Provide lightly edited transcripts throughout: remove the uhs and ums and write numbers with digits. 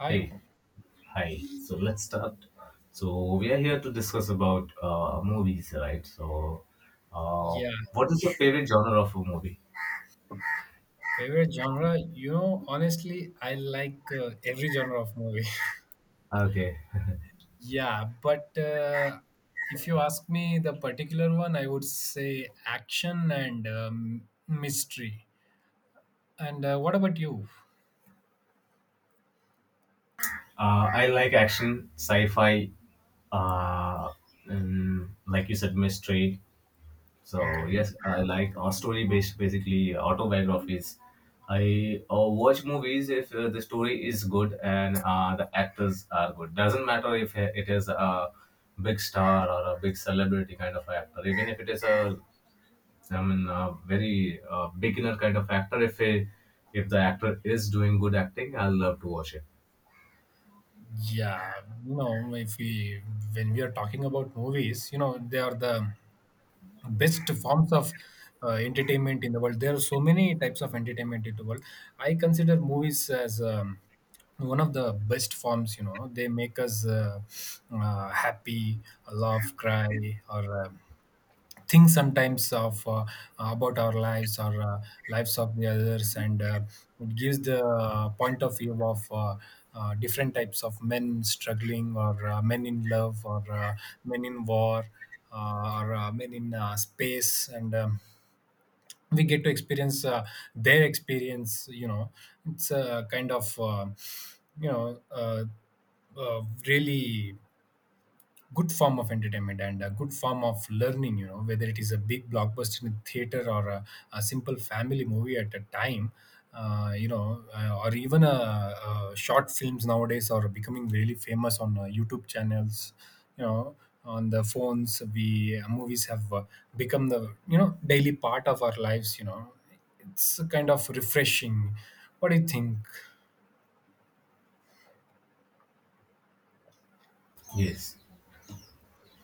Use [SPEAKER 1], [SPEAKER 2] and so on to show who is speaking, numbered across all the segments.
[SPEAKER 1] Hi.
[SPEAKER 2] Hey, hi. So let's start. So we are here to discuss about movies, right? So, uh,
[SPEAKER 1] Yeah,
[SPEAKER 2] what is your favorite genre of a movie?
[SPEAKER 1] favorite genre? You know, honestly, I like every genre of movie.
[SPEAKER 2] Okay,
[SPEAKER 1] Yeah, but if you ask me the particular one, I would say action and mystery. And what about you?
[SPEAKER 2] I like action, sci-fi, uh, and like you said, mystery. So
[SPEAKER 1] Okay.
[SPEAKER 2] yes, I like story based basically autobiographies. I watch movies if the story is good and the actors are good. Doesn't matter if it is a big star or a big celebrity kind of actor. Even if it is I mean, a very beginner kind of actor. If the actor is doing good acting, I'll love to watch it.
[SPEAKER 1] Yeah, you know, if we when we are talking about movies, you know, they are the best forms of entertainment in the world. There are so many types of entertainment in the world. I consider movies as one of the best forms. You know, they make us happy, laugh, cry, or think sometimes of about our lives, or lives of the others, and it gives the point of view of different types of men struggling, or men in love, or men in war, or men in space, and we get to experience their experience, you know. It's a kind of, you know uh, really good form of entertainment and a good form of learning, you know, whether it is a big blockbuster in theater or a simple family movie at a time, or even short films nowadays are becoming really famous on YouTube channels, you know, on the phones. We Movies have become the, you know, daily part of our lives, you know. It's kind of refreshing. What do you think?
[SPEAKER 2] Yes.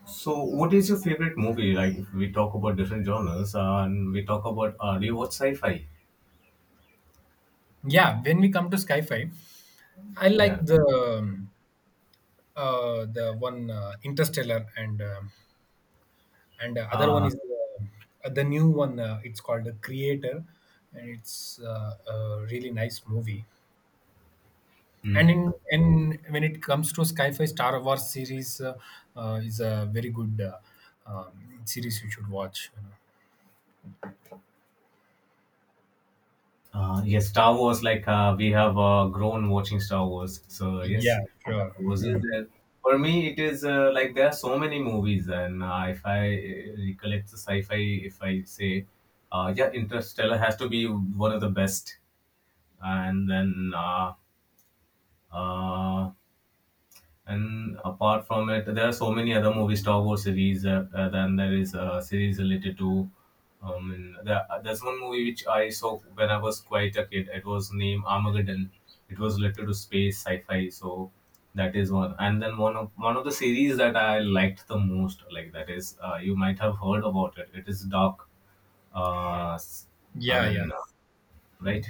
[SPEAKER 2] So, what is your favorite movie? Like, if we talk about different genres, and we talk about, do you watch sci-fi?
[SPEAKER 1] Yeah, when we come to sci-fi, I
[SPEAKER 2] Yeah.
[SPEAKER 1] like um, the one, Interstellar, and other one is the new one. It's called The Creator, and it's a really nice movie.
[SPEAKER 2] Hmm.
[SPEAKER 1] And in when it comes to sci-fi, Star Wars series is a very good series you should watch.
[SPEAKER 2] Yes, Star Wars. Like we have grown watching Star Wars, so yes,
[SPEAKER 1] Yeah,
[SPEAKER 2] Star
[SPEAKER 1] sure.
[SPEAKER 2] Wars is
[SPEAKER 1] Hmm.
[SPEAKER 2] there. For me, it is like there are so many movies, and if I recollect the sci-fi, if I say, yeah, Interstellar has to be one of the best, and then uh, and apart from it, there are so many other movies, Star Wars series. Then there is a series related to. And there's one movie which I saw when I was quite a kid. It was named Armageddon. It was related to space sci-fi. So that is one. And then one of the series that I liked the most, like that is, you might have heard about it. It is Dark. Uh, s- I
[SPEAKER 1] Yeah, yeah.
[SPEAKER 2] mean, right?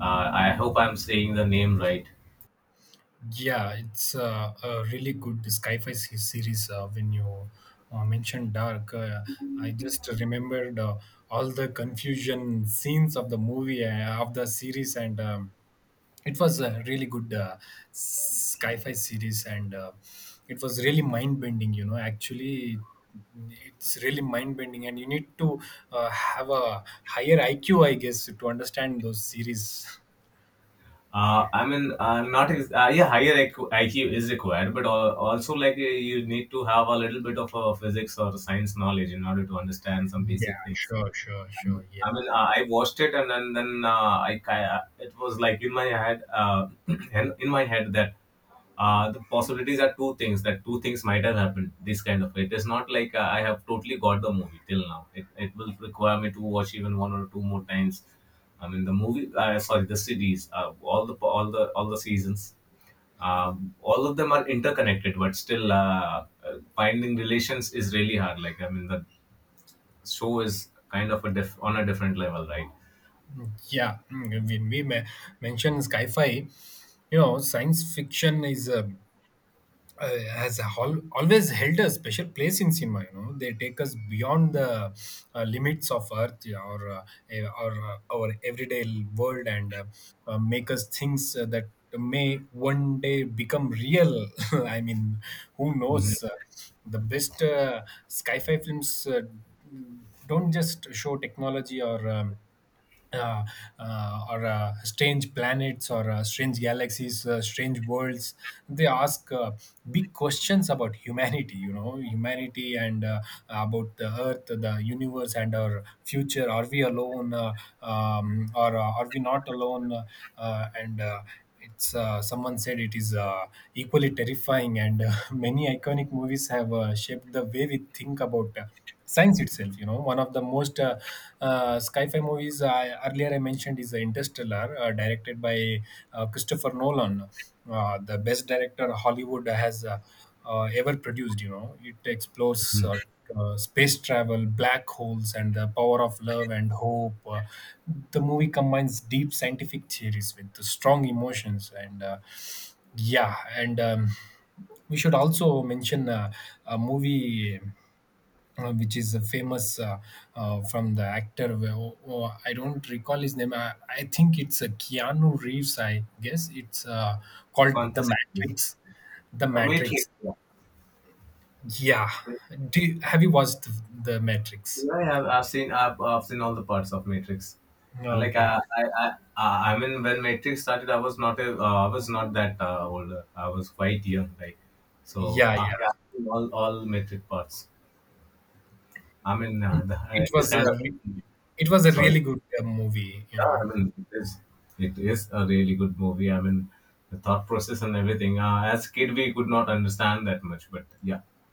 [SPEAKER 2] I hope I'm saying the name right.
[SPEAKER 1] Yeah, it's a really good sci-fi series. When you mentioned Dark, I just remembered all the confusion scenes of the movie, of the series, and it was a really good sci-fi series, and it was really mind-bending. You know, actually, it's really mind-bending, and you need to have a higher IQ, I guess, to understand those series.
[SPEAKER 2] I mean, not yeah, higher IQ, is required, but also like you need to have a little bit of physics or science knowledge in order to understand some basic
[SPEAKER 1] Yeah,
[SPEAKER 2] things.
[SPEAKER 1] sure, sure, sure.
[SPEAKER 2] I
[SPEAKER 1] Yeah.
[SPEAKER 2] mean, I watched it and then it was like in my head, in my head that the possibilities are two things that two things might have happened. This kind of it is not like I have totally got the movie till now. It will require me to watch even one or two more times. I mean, the movie, sorry, the series, all the seasons, all of them are interconnected, but still finding relations is really hard. Like I mean, the show is kind of a on a different level, right?
[SPEAKER 1] When we mention sci-fi, you know, science fiction is a, has always held a special place in cinema. You know, they take us beyond the limits of Earth, yeah, or our everyday world, and make us things that may one day become real. I mean, who
[SPEAKER 2] Mm-hmm.
[SPEAKER 1] knows? The best sci-fi films don't just show technology, or uh, strange planets, or strange galaxies, strange worlds. They ask big questions about humanity, you know, humanity, and about the Earth, the universe, and our future. Are we alone, or are we not alone? And it's Someone said it is equally terrifying, and many iconic movies have shaped the way we think about science itself, you know. One of the most sci-fi movies earlier I mentioned is Interstellar, directed by Christopher Nolan, the best director Hollywood has ever produced. You know, it explores space travel, black holes, and the power of love and hope. The movie combines deep scientific theories with strong emotions, and yeah. And we should also mention a movie which is a famous, from the actor. Well, oh, oh, I don't recall his name. I think it's a Keanu Reeves. I guess it's called The
[SPEAKER 2] Consistently,
[SPEAKER 1] Matrix. The
[SPEAKER 2] a Matrix.
[SPEAKER 1] Matrix.
[SPEAKER 2] Yeah,
[SPEAKER 1] Yeah.
[SPEAKER 2] but,
[SPEAKER 1] Have you watched The Matrix?
[SPEAKER 2] yeah, I've seen all the parts of Matrix. Like
[SPEAKER 1] Okay.
[SPEAKER 2] I mean, when Matrix started, I was not I was not that older. I was quite young, like so.
[SPEAKER 1] Yeah,
[SPEAKER 2] Uh,
[SPEAKER 1] yeah.
[SPEAKER 2] yeah, I've seen all Matrix parts. I mean,
[SPEAKER 1] It,
[SPEAKER 2] the,
[SPEAKER 1] it
[SPEAKER 2] it is
[SPEAKER 1] was
[SPEAKER 2] kind
[SPEAKER 1] a
[SPEAKER 2] of.
[SPEAKER 1] re- it was a
[SPEAKER 2] Sorry.
[SPEAKER 1] really good movie, you
[SPEAKER 2] Yeah,
[SPEAKER 1] know.
[SPEAKER 2] I mean, it is a really good movie. I mean, the thought process and everything. As kid, we could not understand that much, but yeah.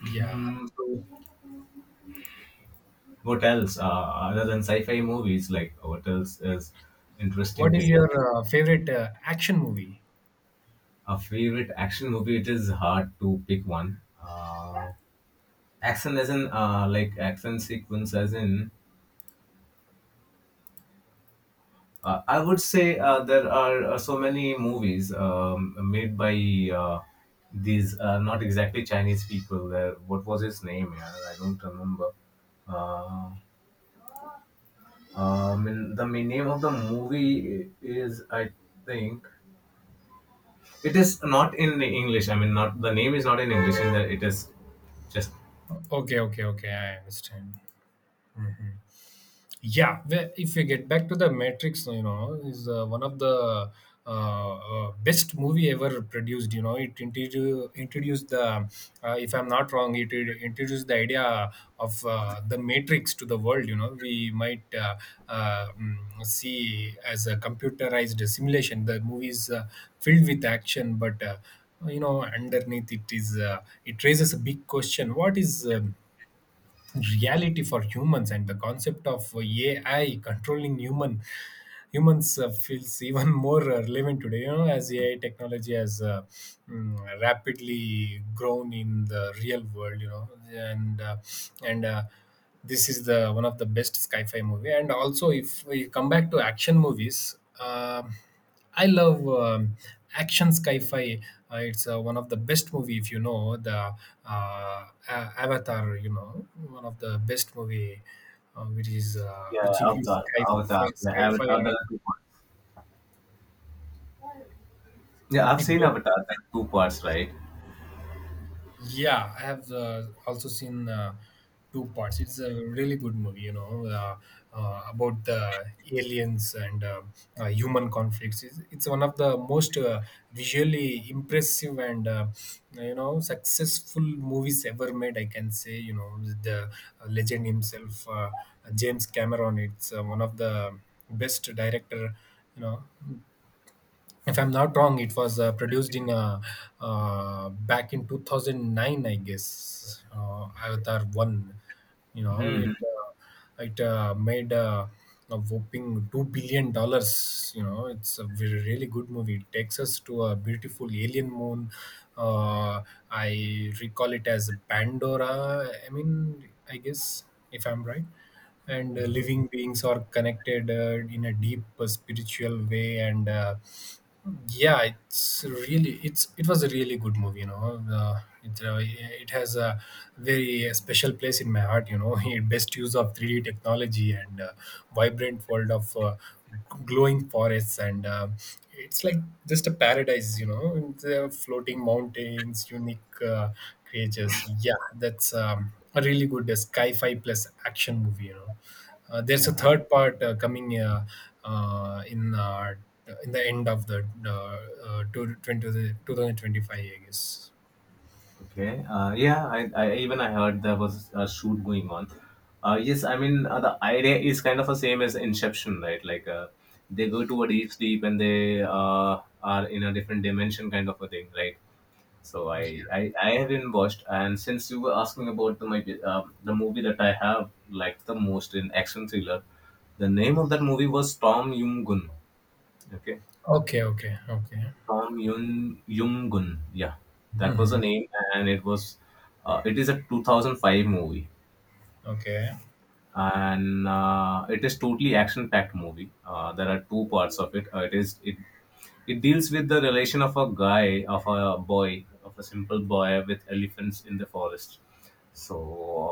[SPEAKER 1] Yeah.
[SPEAKER 2] Hmm, so what else, other than sci-fi movies, like what else is interesting
[SPEAKER 1] What
[SPEAKER 2] to
[SPEAKER 1] is
[SPEAKER 2] you?
[SPEAKER 1] your favorite action movie?
[SPEAKER 2] A favorite action movie? It is hard to pick one. Action as in, like action sequence as in, I would say there are so many movies made by these not exactly Chinese people. There, what was his name? Yeah, I don't remember. Uh, I mean, the main name of the movie is I think it is not in English. I mean, not the name is not in English. In that it is just
[SPEAKER 1] Okay, okay, okay. I understand. Mhm. Yeah, if you get back to The Matrix, you know, is one of the best movie ever produced. You know, it introduced the, if I'm not wrong, it introduced the idea of, the matrix to the world. You know, we might, uh, mm, see as a computerized simulation. The movie is filled with action, but you know, underneath, it is, it raises a big question. What is reality for humans? And the concept of AI controlling humans feels even more relevant today, you know, as AI technology has rapidly grown in the real world, you know. And This is the one of the best sci-fi movie, and also if we come back to action movies, I love action sci-fi. It's one of the best movie, if you know the, Avatar. You know, one of the best movie, which is
[SPEAKER 2] Yeah,
[SPEAKER 1] which includes
[SPEAKER 2] Avatar. Avatar. Yeah,
[SPEAKER 1] sci-fi.
[SPEAKER 2] Avatar, there two parts. Yeah, I've
[SPEAKER 1] It
[SPEAKER 2] seen
[SPEAKER 1] both.
[SPEAKER 2] Avatar like two parts, right?
[SPEAKER 1] Yeah, I have also seen two parts. It's a really good movie, you know, about the aliens and human conflicts. It's one of the most visually impressive and, you know, successful movies ever made, I can say. You know, with the, legend himself, James Cameron. It's one of the best director, you know. If I'm not wrong, it was produced in, back in 2009, I guess. Avatar One, you know,
[SPEAKER 2] Hmm.
[SPEAKER 1] it made a whopping $2 billion. You know, it's a very, really good movie. It takes us to a beautiful alien moon. Uh, I recall it as Pandora. I mean, I guess, if I'm right, and living beings are connected in a deep spiritual way, and yeah, it's really, it was a really good movie, you know. It has a very special place in my heart, you know. It best use of 3D technology, and vibrant world of glowing forests, and it's like just a paradise, you know, with the floating mountains, unique creatures. Yeah, that's a really good sci-fi plus action movie, you know. There's a third part coming uh, in uh, in the end of the, uh, two- 2025, I guess.
[SPEAKER 2] Okay. Yeah, I even I heard there was a shoot going on. Yes, I mean the idea is kind of the same as Inception, right? Like they go to a deep sleep and they are in a different dimension, kind of a thing, right? So I haven't watched, and since you were asking about the movie that I have liked the most in action thriller, the name of that movie was Tom Yum Gun. Okay,
[SPEAKER 1] Okay, okay, okay.
[SPEAKER 2] Tom Yoon Young-gun. Yeah, that was the
[SPEAKER 1] Hmm.
[SPEAKER 2] name, and it was it is a 2005 movie,
[SPEAKER 1] Okay.
[SPEAKER 2] and it is totally action-packed movie. There are two parts of it. It is it it deals with the relation of a guy of a boy of a simple boy with elephants in the forest. So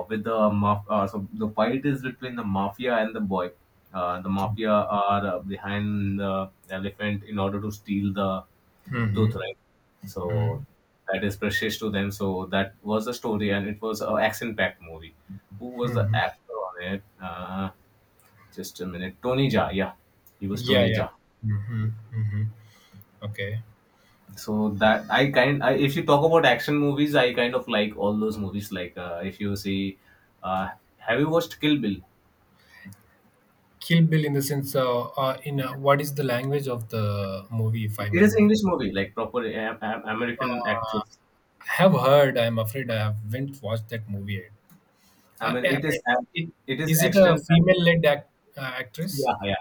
[SPEAKER 2] with the so the fight is between the mafia and the boy. The mafia are behind the elephant in order to steal the
[SPEAKER 1] Mm-hmm.
[SPEAKER 2] tooth, right? So that is precious to them. So that was the story, and it was an action-packed movie. Who was the
[SPEAKER 1] Mm-hmm.
[SPEAKER 2] actor on it? Just a minute, Tony Jaa. Yeah, he was
[SPEAKER 1] Yeah,
[SPEAKER 2] Tony
[SPEAKER 1] yeah.
[SPEAKER 2] Jaa.
[SPEAKER 1] Mm-hmm. Mm-hmm. Okay.
[SPEAKER 2] So that if you talk about action movies, I kind of like all those movies. Like if you see, uh, have you watched Kill Bill?
[SPEAKER 1] Kill Bill, in the sense, in, what is the language of the movie, if I
[SPEAKER 2] It
[SPEAKER 1] may
[SPEAKER 2] is
[SPEAKER 1] know?
[SPEAKER 2] English movie, like proper American actress.
[SPEAKER 1] I have heard. I'm afraid I haven't watched that movie yet.
[SPEAKER 2] I
[SPEAKER 1] Uh,
[SPEAKER 2] mean,
[SPEAKER 1] uh, uh, it-
[SPEAKER 2] it is
[SPEAKER 1] is it a
[SPEAKER 2] action.
[SPEAKER 1] female-led actress?
[SPEAKER 2] Yeah, yeah.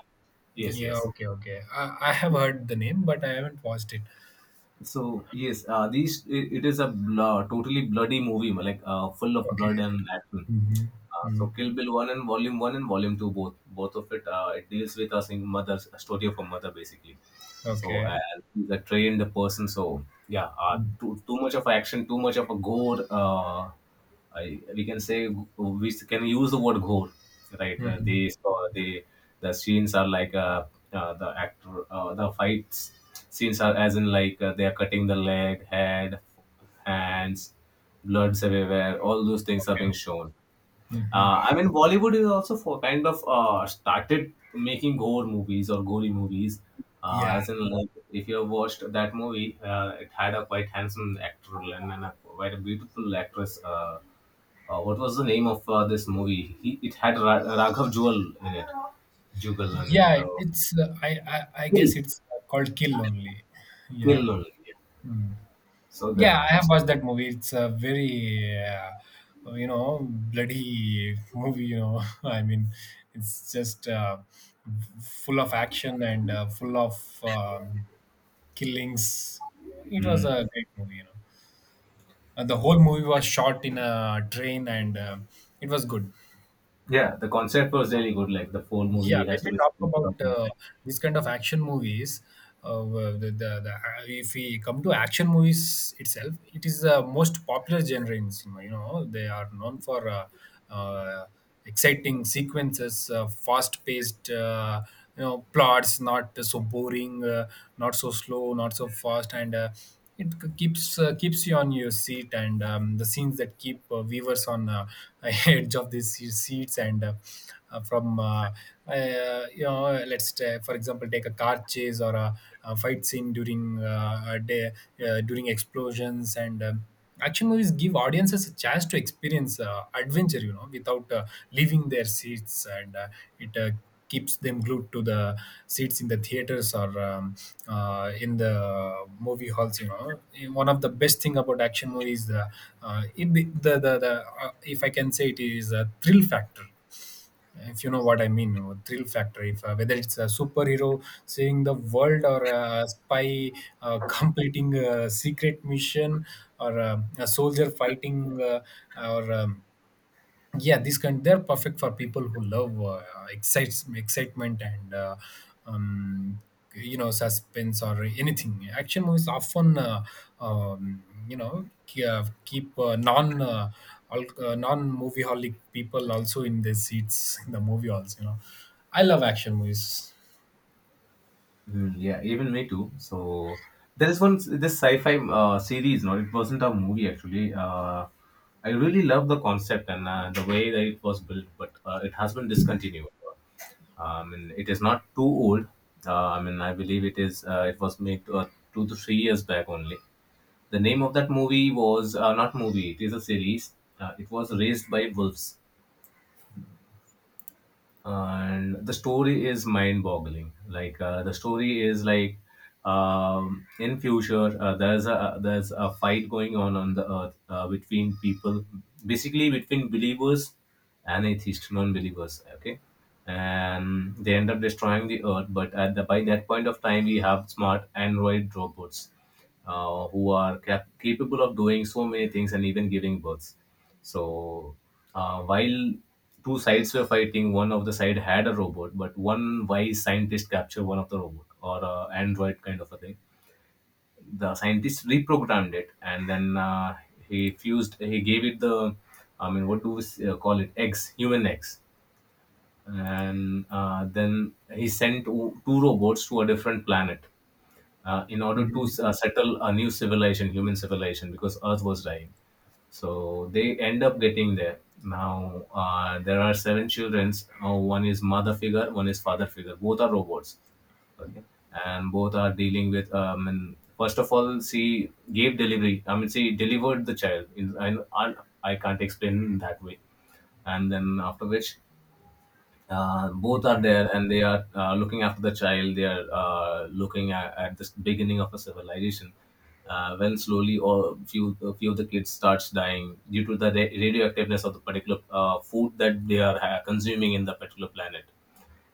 [SPEAKER 2] Yes,
[SPEAKER 1] Yeah,
[SPEAKER 2] yes.
[SPEAKER 1] okay, okay. I have heard the name, but I haven't watched it.
[SPEAKER 2] So yes, these it is totally bloody movie, like full of
[SPEAKER 1] Okay.
[SPEAKER 2] blood and action.
[SPEAKER 1] Mm-hmm.
[SPEAKER 2] Uh,
[SPEAKER 1] Mm-hmm.
[SPEAKER 2] so Kill Bill one and Volume two both of it it deals with a single mother's a story of a mother basically. So
[SPEAKER 1] Okay.
[SPEAKER 2] and he's a trained person. So yeah,
[SPEAKER 1] Mm-hmm.
[SPEAKER 2] too much of action, too much of a gore. I we can say we can use the word gore, right? Uh,
[SPEAKER 1] Mm-hmm.
[SPEAKER 2] they saw they the scenes are like the fights scenes are as in like they are cutting the leg, head, hands, bloods everywhere. All those things are being
[SPEAKER 1] Okay.
[SPEAKER 2] shown,
[SPEAKER 1] Mm-hmm.
[SPEAKER 2] I mean, Bollywood is also for kind of started making gore movies or gory movies. Uh,
[SPEAKER 1] Yeah.
[SPEAKER 2] as in, like, if you have watched that movie, it had a quite handsome actor and a quite a beautiful actress. What was the name of this movie? It had Raghav Jewel in it, Jugal in it.
[SPEAKER 1] Yeah, it's I
[SPEAKER 2] Kill,
[SPEAKER 1] guess it's called Kill only. Yeah.
[SPEAKER 2] Kill only. Yeah.
[SPEAKER 1] Mm.
[SPEAKER 2] So that,
[SPEAKER 1] Yeah, I have watched that movie. It's a very you know, bloody movie, you know. I mean, it's just full of action and full of killings. It was
[SPEAKER 2] mm,
[SPEAKER 1] a great movie, you know. The whole movie was shot in a train, and it was good.
[SPEAKER 2] yeah, the concept was really good. Like the whole
[SPEAKER 1] Yeah,
[SPEAKER 2] movie
[SPEAKER 1] when
[SPEAKER 2] has to
[SPEAKER 1] we
[SPEAKER 2] be.
[SPEAKER 1] talk about these kind of action movies, the if we come to action movies itself, it is the most popular genre in cinema. You know, they are known for uh, exciting sequences, fast-paced, you know, plots, not so boring, not so slow, not so fast, and it keeps, keeps you on your seat. And the scenes that keep viewers on, edge of these seats, and from you know, for example, take a car chase or a fight scene during a day, during explosions. And action movies give audiences a chance to experience adventure, you know, without leaving their seats, and it keeps them glued to the seats in the theaters, or in the movie halls, you know. One of the best thing about action movies, the, uh, it, the the, the if I can say, it is a thrill factor, if you know what I mean. You thrill factor, if, whether it's a superhero saving the world, or a spy, completing a secret mission, or a soldier fighting, or yeah, these kind, they're perfect for people who love excites excitement, and um, you know, suspense, or anything. Action movies often, you know, keep, non movie holic people also in their seats in the movie halls, you know. I love action movies.
[SPEAKER 2] Mm, yeah, even me too. So there is one this sci-fi series. No, it wasn't a movie actually. I really love the concept and the way that it was built, but it has been discontinued. I mean, it is not too old. I mean, I believe it is. It was made 2 to 3 years back only. The name of that movie was not movie. It is a series. It was Raised by Wolves, and the story is mind-boggling. Like the story is like, in future, there's a fight going on the earth, between people, basically between believers and atheists, non-believers. Okay, and they end up destroying the earth, but at the by that point of time we have smart android robots who are capable of doing so many things and even giving births. So while two sides were fighting, one of the side had a robot, but one wise scientist captured one of the robot or a android kind of a thing. The scientist reprogrammed it, and then he fused. He gave it I mean, what do we call it? Eggs, human eggs, and then he sent two robots to a different planet in order to
[SPEAKER 1] Mhm,
[SPEAKER 2] settle a new civilization, human civilization, because Earth was dying. So they end up getting there. Now there are seven children. One is mother figure, one is father figure. Both are robots. Okay, and both are dealing with. And first of all, she gave delivery. I mean, she delivered the child. In, I can't explain that way. And then after which both are there and they are looking after the child they are looking at the beginning of a civilization when slowly or few a few of the kids starts dying due to the radioactiveness of the particular food that they are consuming in the particular planet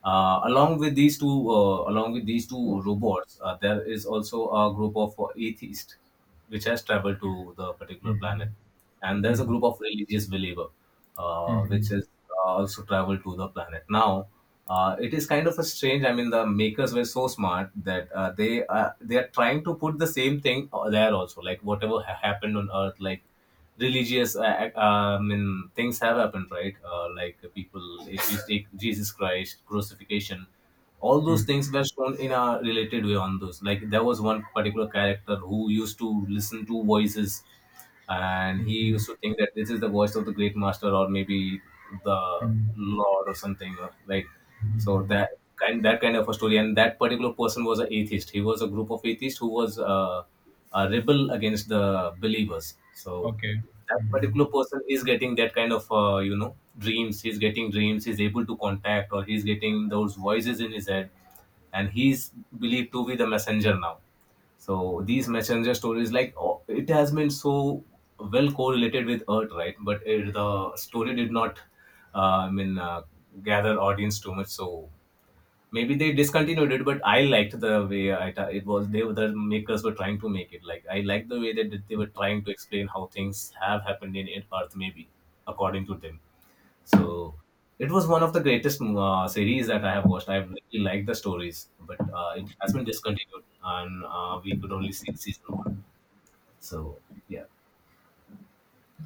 [SPEAKER 2] along with these two robots, there is also a group of atheists which has traveled to the particular planet,
[SPEAKER 1] mhm,
[SPEAKER 2] and there's a group of religious believer
[SPEAKER 1] mhm,
[SPEAKER 2] which
[SPEAKER 1] mhm,
[SPEAKER 2] is also traveled to the planet. Now, it is kind of a strange. I mean, the makers were so smart that they are trying to put the same thing there also, like whatever happened on Earth, like religious I mean things have happened, right? Like people, if you take Jesus Christ crucifixion, all those
[SPEAKER 1] mhm,
[SPEAKER 2] things were shown in a related way on those. Like there was one particular character who used to listen to voices, and he used
[SPEAKER 1] mhm,
[SPEAKER 2] to think that this is the voice of the great master, or maybe the
[SPEAKER 1] mhm.
[SPEAKER 2] lord or something right. So that kind of a story, and that particular person was an atheist. He was a group of atheists who was a rebel against the believers. So
[SPEAKER 1] Okay.
[SPEAKER 2] that
[SPEAKER 1] Mm-hmm.
[SPEAKER 2] particular person is getting that kind of dreams. He's getting dreams. He's able to contact, or he's getting those voices in his head, and he's believed to be the messenger now. So these messenger stories, like, oh, it has been so well correlated with Earth, right? But the story did not, uh, I mean, uh, gather audience too much. So maybe they discontinued it. But I liked the way it was. The makers were trying to make it. Like, I liked the way that they were trying to explain how things have happened in Earth, maybe according to them. So it was one of the greatest series that I have watched. I really liked the stories, but it has been discontinued, and we could only see season one. So yeah.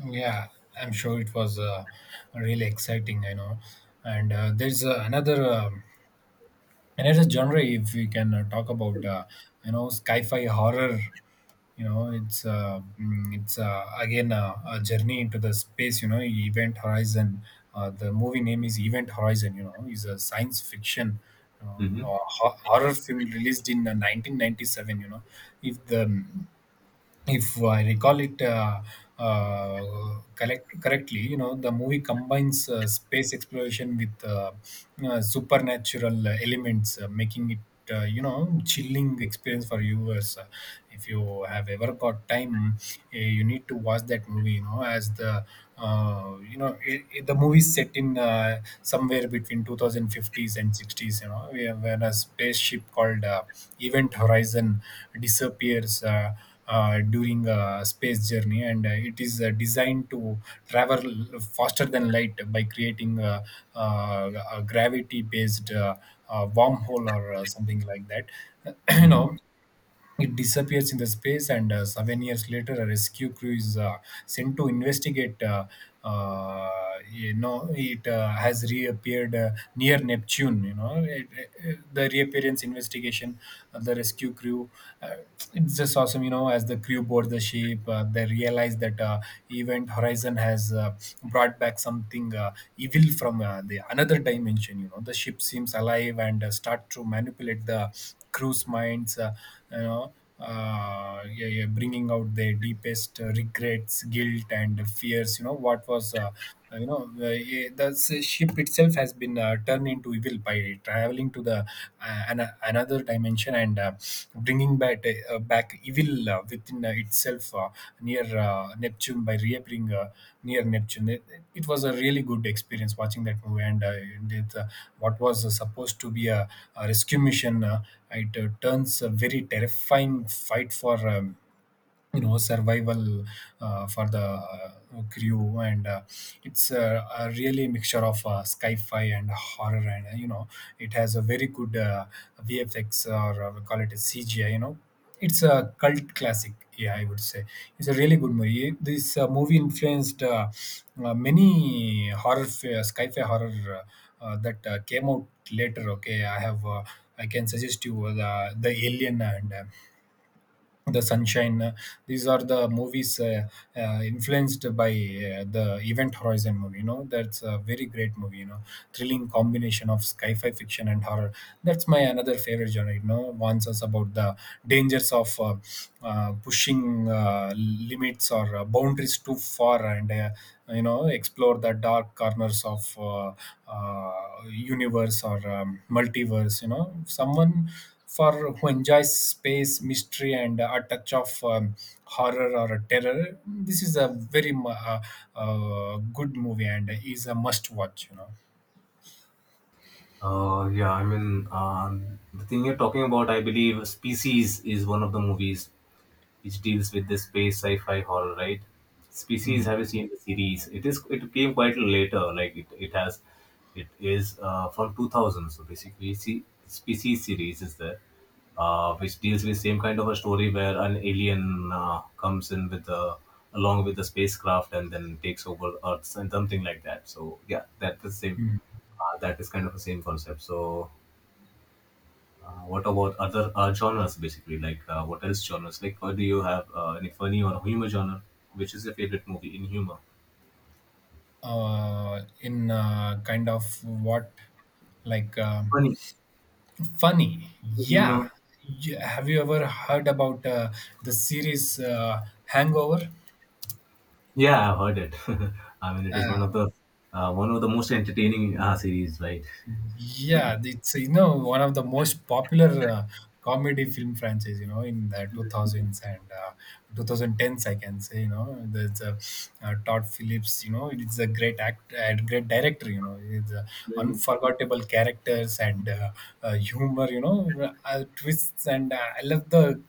[SPEAKER 1] Yeah, I'm sure it was really exciting, I know. And there's another another genre if we can talk about, sci-fi horror. It's again a journey into the space. Event Horizon. The movie name is Event Horizon, is a science fiction uh,
[SPEAKER 2] hmm
[SPEAKER 1] horror film released in 1997. If the mm, if I recall it correctly, the movie combines space exploration with supernatural elements, making it chilling experience for viewers. If you have ever got time, you need to watch that movie. You know, as the you know it, it- The movie is set in somewhere between 2050s and 60s. Where a spaceship called Event Horizon disappears. During a space journey, and it is designed to travel faster than light by creating a gravity-based wormhole or something like that. you
[SPEAKER 2] hmm
[SPEAKER 1] know it disappears in the space, and 7 years later, a rescue crew is sent to investigate. It has reappeared near Neptune. The reappearance investigation, the rescue crew. Uh, it's just awesome. As the crew board the ship, they realize that Event Horizon has brought back something evil from the another dimension. The ship seems alive and start to manipulate the cruise minds, bringing out their deepest regrets, guilt, and fears. You know what was, you know, yeah, The ship itself has been turned into evil by traveling to the another dimension and bringing back combat back evil within itself near Neptune by reappearing near Neptune. It was a really good experience watching that movie, and it, uh, what was supposed to be a rescue mission, it turns a very terrifying fight for survival for the crew, and it's a really mixture of sci-fi and horror, and it has a very good vfx, or we call it a cgi. It's a cult classic, yeah, I would say. It's a really good movie. This movie influenced many sci-fi horror that came out later. Okay, I can suggest you the Alien and the Sunshine. These are the movies influenced by the Event Horizon movie. That's a very great movie, thrilling combination of sci-fi fiction and horror. That's my another favorite genre. Warns us about the dangers of pushing limits or boundaries too far, and explore the dark corners of universe or multiverse. Someone for who enjoys space mystery and a touch of horror or terror, this is a very good movie and is a must watch.
[SPEAKER 2] Yeah, I mean, the thing you're talking about, I believe, Species is one of the movies which deals with the space sci-fi horror, right? Species, have you seen the series? It came quite later, like it has it is from 2000. So basically, see, Species series is there, which deals with same kind of a story where an alien comes in with the along with the spacecraft and then takes over Earth and something like that. So yeah, that's the same. That is kind of the same concept. So what about other genres, basically? Like, what else genres? Like, or do you have any funny or humor genre? Which is your favorite movie in humor?
[SPEAKER 1] In kind of what, like,
[SPEAKER 2] Funny
[SPEAKER 1] funny. Yeah.
[SPEAKER 2] humor.
[SPEAKER 1] Have you ever heard about the series, Hangover?
[SPEAKER 2] Yeah, I've heard it. I mean, it is one of the most entertaining series, right?
[SPEAKER 1] Yeah, it's, one of the most popular comedy film franchise, in the 2000s and 2010s, I can say. There's Todd Phillips. It's a great act, a great director. It's unforgettable characters and humor. Twists, and I love the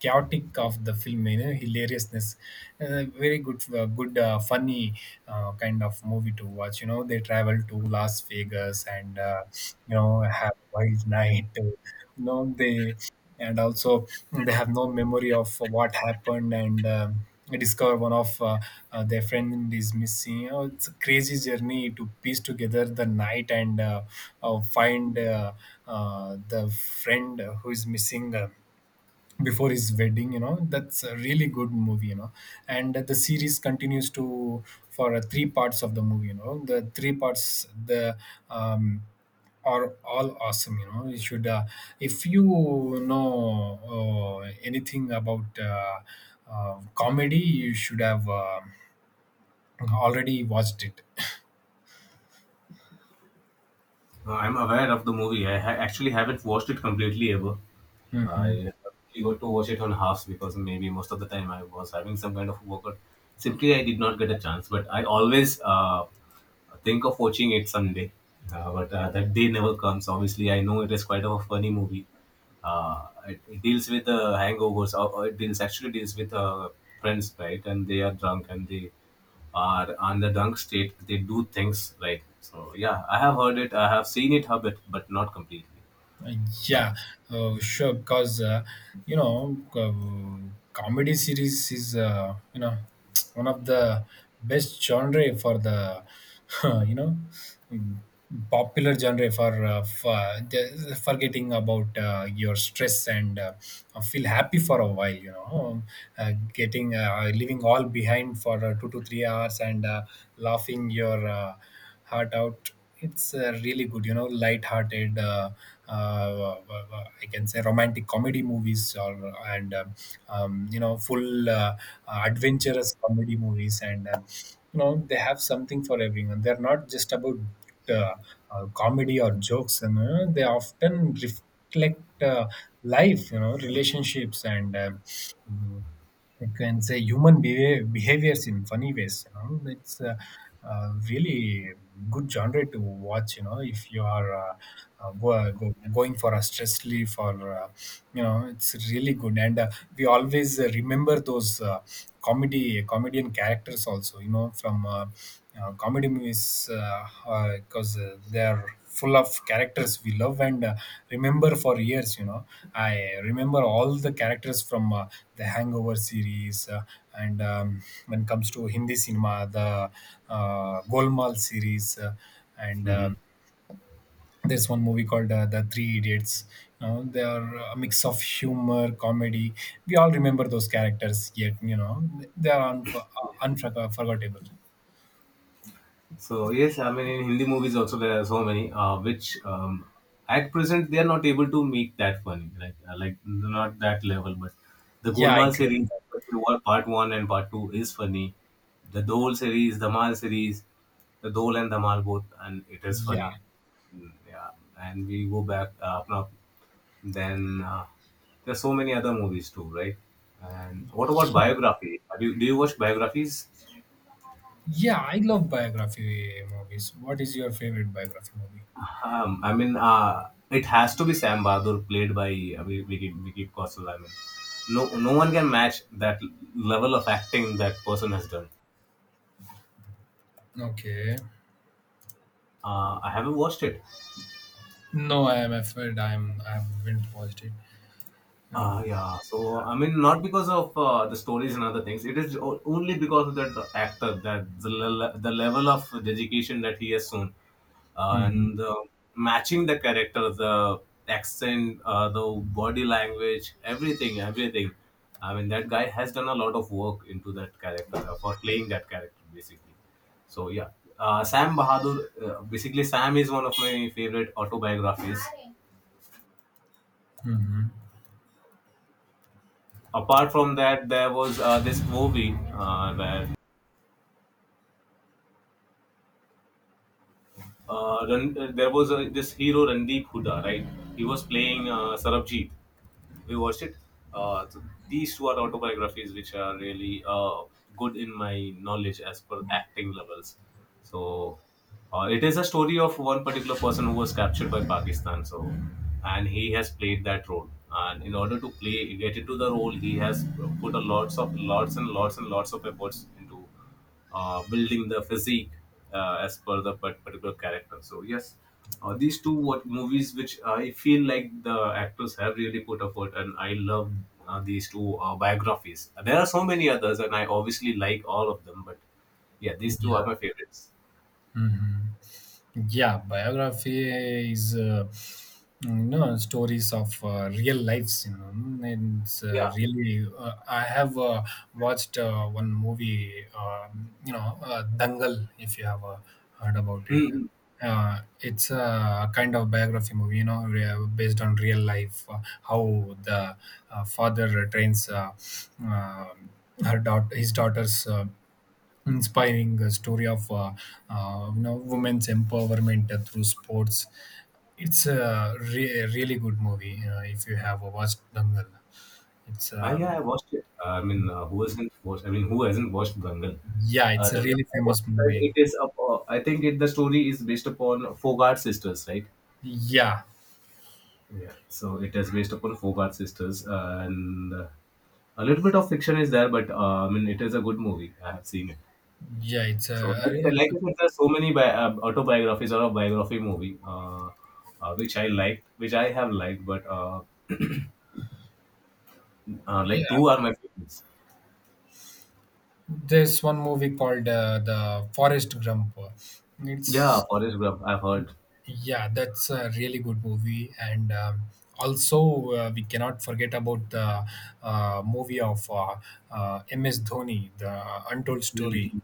[SPEAKER 1] chaotic of the film, hilariousness. Very good, good, funny kind of movie to watch. They travel to Las Vegas, and have a wild night. They and also they have no memory of what happened, and they discover one of their friend is missing. It's a crazy journey to piece together the night and find the friend who is missing before his wedding. That's a really good movie. And the series continues to for three parts of the movie. The three parts, the um are all awesome. You should, if you know anything about comedy, you should have already watched it.
[SPEAKER 2] I'm aware of the movie. Actually haven't watched it completely ever. I
[SPEAKER 1] Mhm.
[SPEAKER 2] only got to watch it on halves because maybe most of the time I was having some kind of workout. Simply, I did not get a chance. But I always think of watching it someday. But that day never comes. Obviously, I know it is quite a funny movie. It deals with hangovers. Or it deals actually deals with friends, right? And they are drunk, and they or on the drunk state they do things, right. So yeah, I have heard it, I have seen it a bit but not completely.
[SPEAKER 1] Uh,
[SPEAKER 2] So
[SPEAKER 1] Yeah, sure. Because comedy series is, one of the best genre for the you know mm, popular genre for forgetting about your stress and feel happy for a while. Getting leaving all behind for 2 to 3 hours, and laughing your heart out. It's really good, you know, light-hearted. I can say romantic comedy movies, or and you know, full adventurous comedy movies, and you know, they have something for everyone. They're not just about uh, comedy or jokes, and you know, they often reflect life, you know, relationships and. Mhm. I can say human behavior, behaviors in funny ways. You know, it's a really good genre to watch. You know, if you are going for a stress relief, or you know, it's really good. And we always remember those. Comedy comedian characters also, you know, from comedy movies because they're full of characters we love and remember for years. I remember all the characters from the Hangover series, and when it comes to Hindi cinema, the Golmal series, and there's one movie called The Three Idiots. They are a mix of humor comedy. We all remember those characters yet, you know, they are unforgettable.
[SPEAKER 2] So yes, I mean in Hindi movies also there are so many which at present they are not able to make that funny, like not that level. But the
[SPEAKER 1] Yeah, I
[SPEAKER 2] Golmaal
[SPEAKER 1] agree
[SPEAKER 2] series,
[SPEAKER 1] with that.
[SPEAKER 2] part one and part two is funny. The Dole series, the Mal series, the Dole and the Mal both, and it is funny.
[SPEAKER 1] Yeah.
[SPEAKER 2] Mm, yeah, and we go back now. Then there are so many other movies too, right? And what about biography? Do you watch biographies?
[SPEAKER 1] Yeah, I love biography movies. What is your favorite biography movie?
[SPEAKER 2] I mean, it has to be Sam Bahadur played by Vicky Kaushal. I mean, no one can match that level of acting that person has done.
[SPEAKER 1] Okay.
[SPEAKER 2] I haven't watched it.
[SPEAKER 1] No, I am afraid I haven't watched it. No.
[SPEAKER 2] Yeah, so I mean, not because of the stories and other things. It is only because of that actor, the level of dedication that he has shown, uh,
[SPEAKER 1] Hmm.
[SPEAKER 2] and uh, matching the character, the accent, the body language, everything. I mean, that guy has done a lot of work into that character for playing that character, basically. So yeah, Sam Bahadur. Basically, Sam is one of my favorite autobiographies.
[SPEAKER 1] Hmm.
[SPEAKER 2] Apart from that, there was this movie where there was this hero Randeep Huda, right? He was playing Sarabjit. We watched it. So these two are autobiographies which are really good in my knowledge as per acting levels. So it is a story of one particular person who was captured by Pakistan. So and he has played that role. And in order to get into the role, he has put a lots of lots and lots and lots of efforts into building the physique as per the particular character. So yes, these two what movies which I feel like the actors have really put effort, and I love these two biographies. There are so many others, and I obviously like all of them, but yeah, these two are my
[SPEAKER 1] Yeah.
[SPEAKER 2] favorites.
[SPEAKER 1] Hmm. Yeah, biography is, stories of real lives. You know, and it's
[SPEAKER 2] Yeah.
[SPEAKER 1] really I have watched one movie. Dangal. If you have heard about it,
[SPEAKER 2] Mm-hmm.
[SPEAKER 1] it's a kind of biography movie. Based on real life, how the father trains uh, his daughters. Inspiring story of women's empowerment through sports. It's a really good movie. If you have watched Dangal, it's
[SPEAKER 2] Yeah, I watched it. I mean, who hasn't watched? I mean, who hasn't watched Dangal?
[SPEAKER 1] yeah, it's a
[SPEAKER 2] Dangal.
[SPEAKER 1] really
[SPEAKER 2] I watched
[SPEAKER 1] famous
[SPEAKER 2] it, and
[SPEAKER 1] movie.
[SPEAKER 2] it is up. I think the story is based upon Fogart sisters, right?
[SPEAKER 1] Yeah,
[SPEAKER 2] Yeah, so it is based upon Fogart sisters, and a little bit of fiction is there, but I mean, it is a good movie. I have seen it.
[SPEAKER 1] yeah, it's
[SPEAKER 2] So,
[SPEAKER 1] a
[SPEAKER 2] like,
[SPEAKER 1] real,
[SPEAKER 2] like I said, there are so many autobiographies or a biography movie, which I liked, which I have liked, but like
[SPEAKER 1] yeah.
[SPEAKER 2] two are my favorites.
[SPEAKER 1] There's one movie called The Forest Gump.
[SPEAKER 2] Yeah,
[SPEAKER 1] It's
[SPEAKER 2] Forrest Gump, I've heard.
[SPEAKER 1] Yeah, that's a really good movie, and also we cannot forget about the movie of M.S. Dhoni, the Untold Story.
[SPEAKER 2] The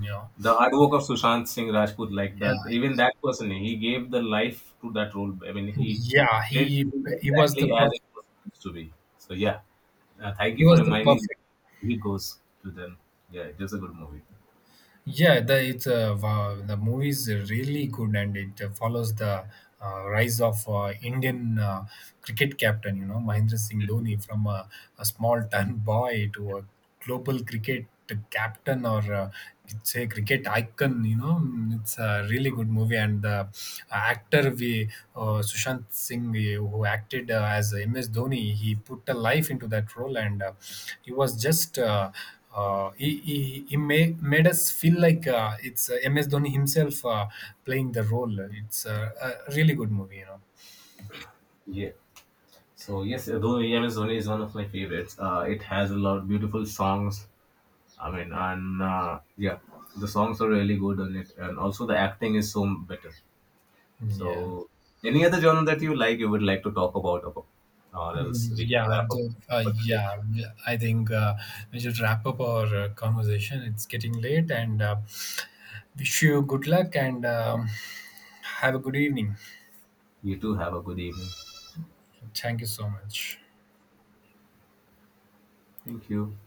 [SPEAKER 1] You know,
[SPEAKER 2] artwork of Sushant Singh Rajput, like that,
[SPEAKER 1] yeah,
[SPEAKER 2] even that person, he gave the life to that role. I mean, he
[SPEAKER 1] yeah,
[SPEAKER 2] played
[SPEAKER 1] he
[SPEAKER 2] it
[SPEAKER 1] he was the
[SPEAKER 2] exactly as it was supposed to be. So yeah, thank
[SPEAKER 1] he
[SPEAKER 2] you for
[SPEAKER 1] was the
[SPEAKER 2] reminding me.
[SPEAKER 1] perfect.
[SPEAKER 2] He goes to them. Yeah, it is a good movie.
[SPEAKER 1] Yeah, the it's wow, the movie is really good, and it follows the rise of Indian cricket captain. Mahendra Singh Dhoni from a small town boy to a global cricket captain, or it's a cricket icon. It's a really good movie, and the actor we Sushant Singh, who acted as M.S. Dhoni, he put a life into that role, and he was just. He made us feel like it's M.S. Dhoni himself playing the role. It's a really good movie, you know.
[SPEAKER 2] Yeah. So yes, Dhoni, MS Dhoni is one of my favorites. It has a lot of beautiful songs. I mean, and yeah, the songs are really good on it, and also the acting is so better.
[SPEAKER 1] Yeah.
[SPEAKER 2] So, any other genre that you like, you would like to talk about or else we can
[SPEAKER 1] Yeah,
[SPEAKER 2] wrap up for today.
[SPEAKER 1] yeah, yeah, I think we should wrap up our conversation. It's getting late, and wish you good luck, and have a good evening.
[SPEAKER 2] You too have a good evening.
[SPEAKER 1] Thank you so much.
[SPEAKER 2] Thank you.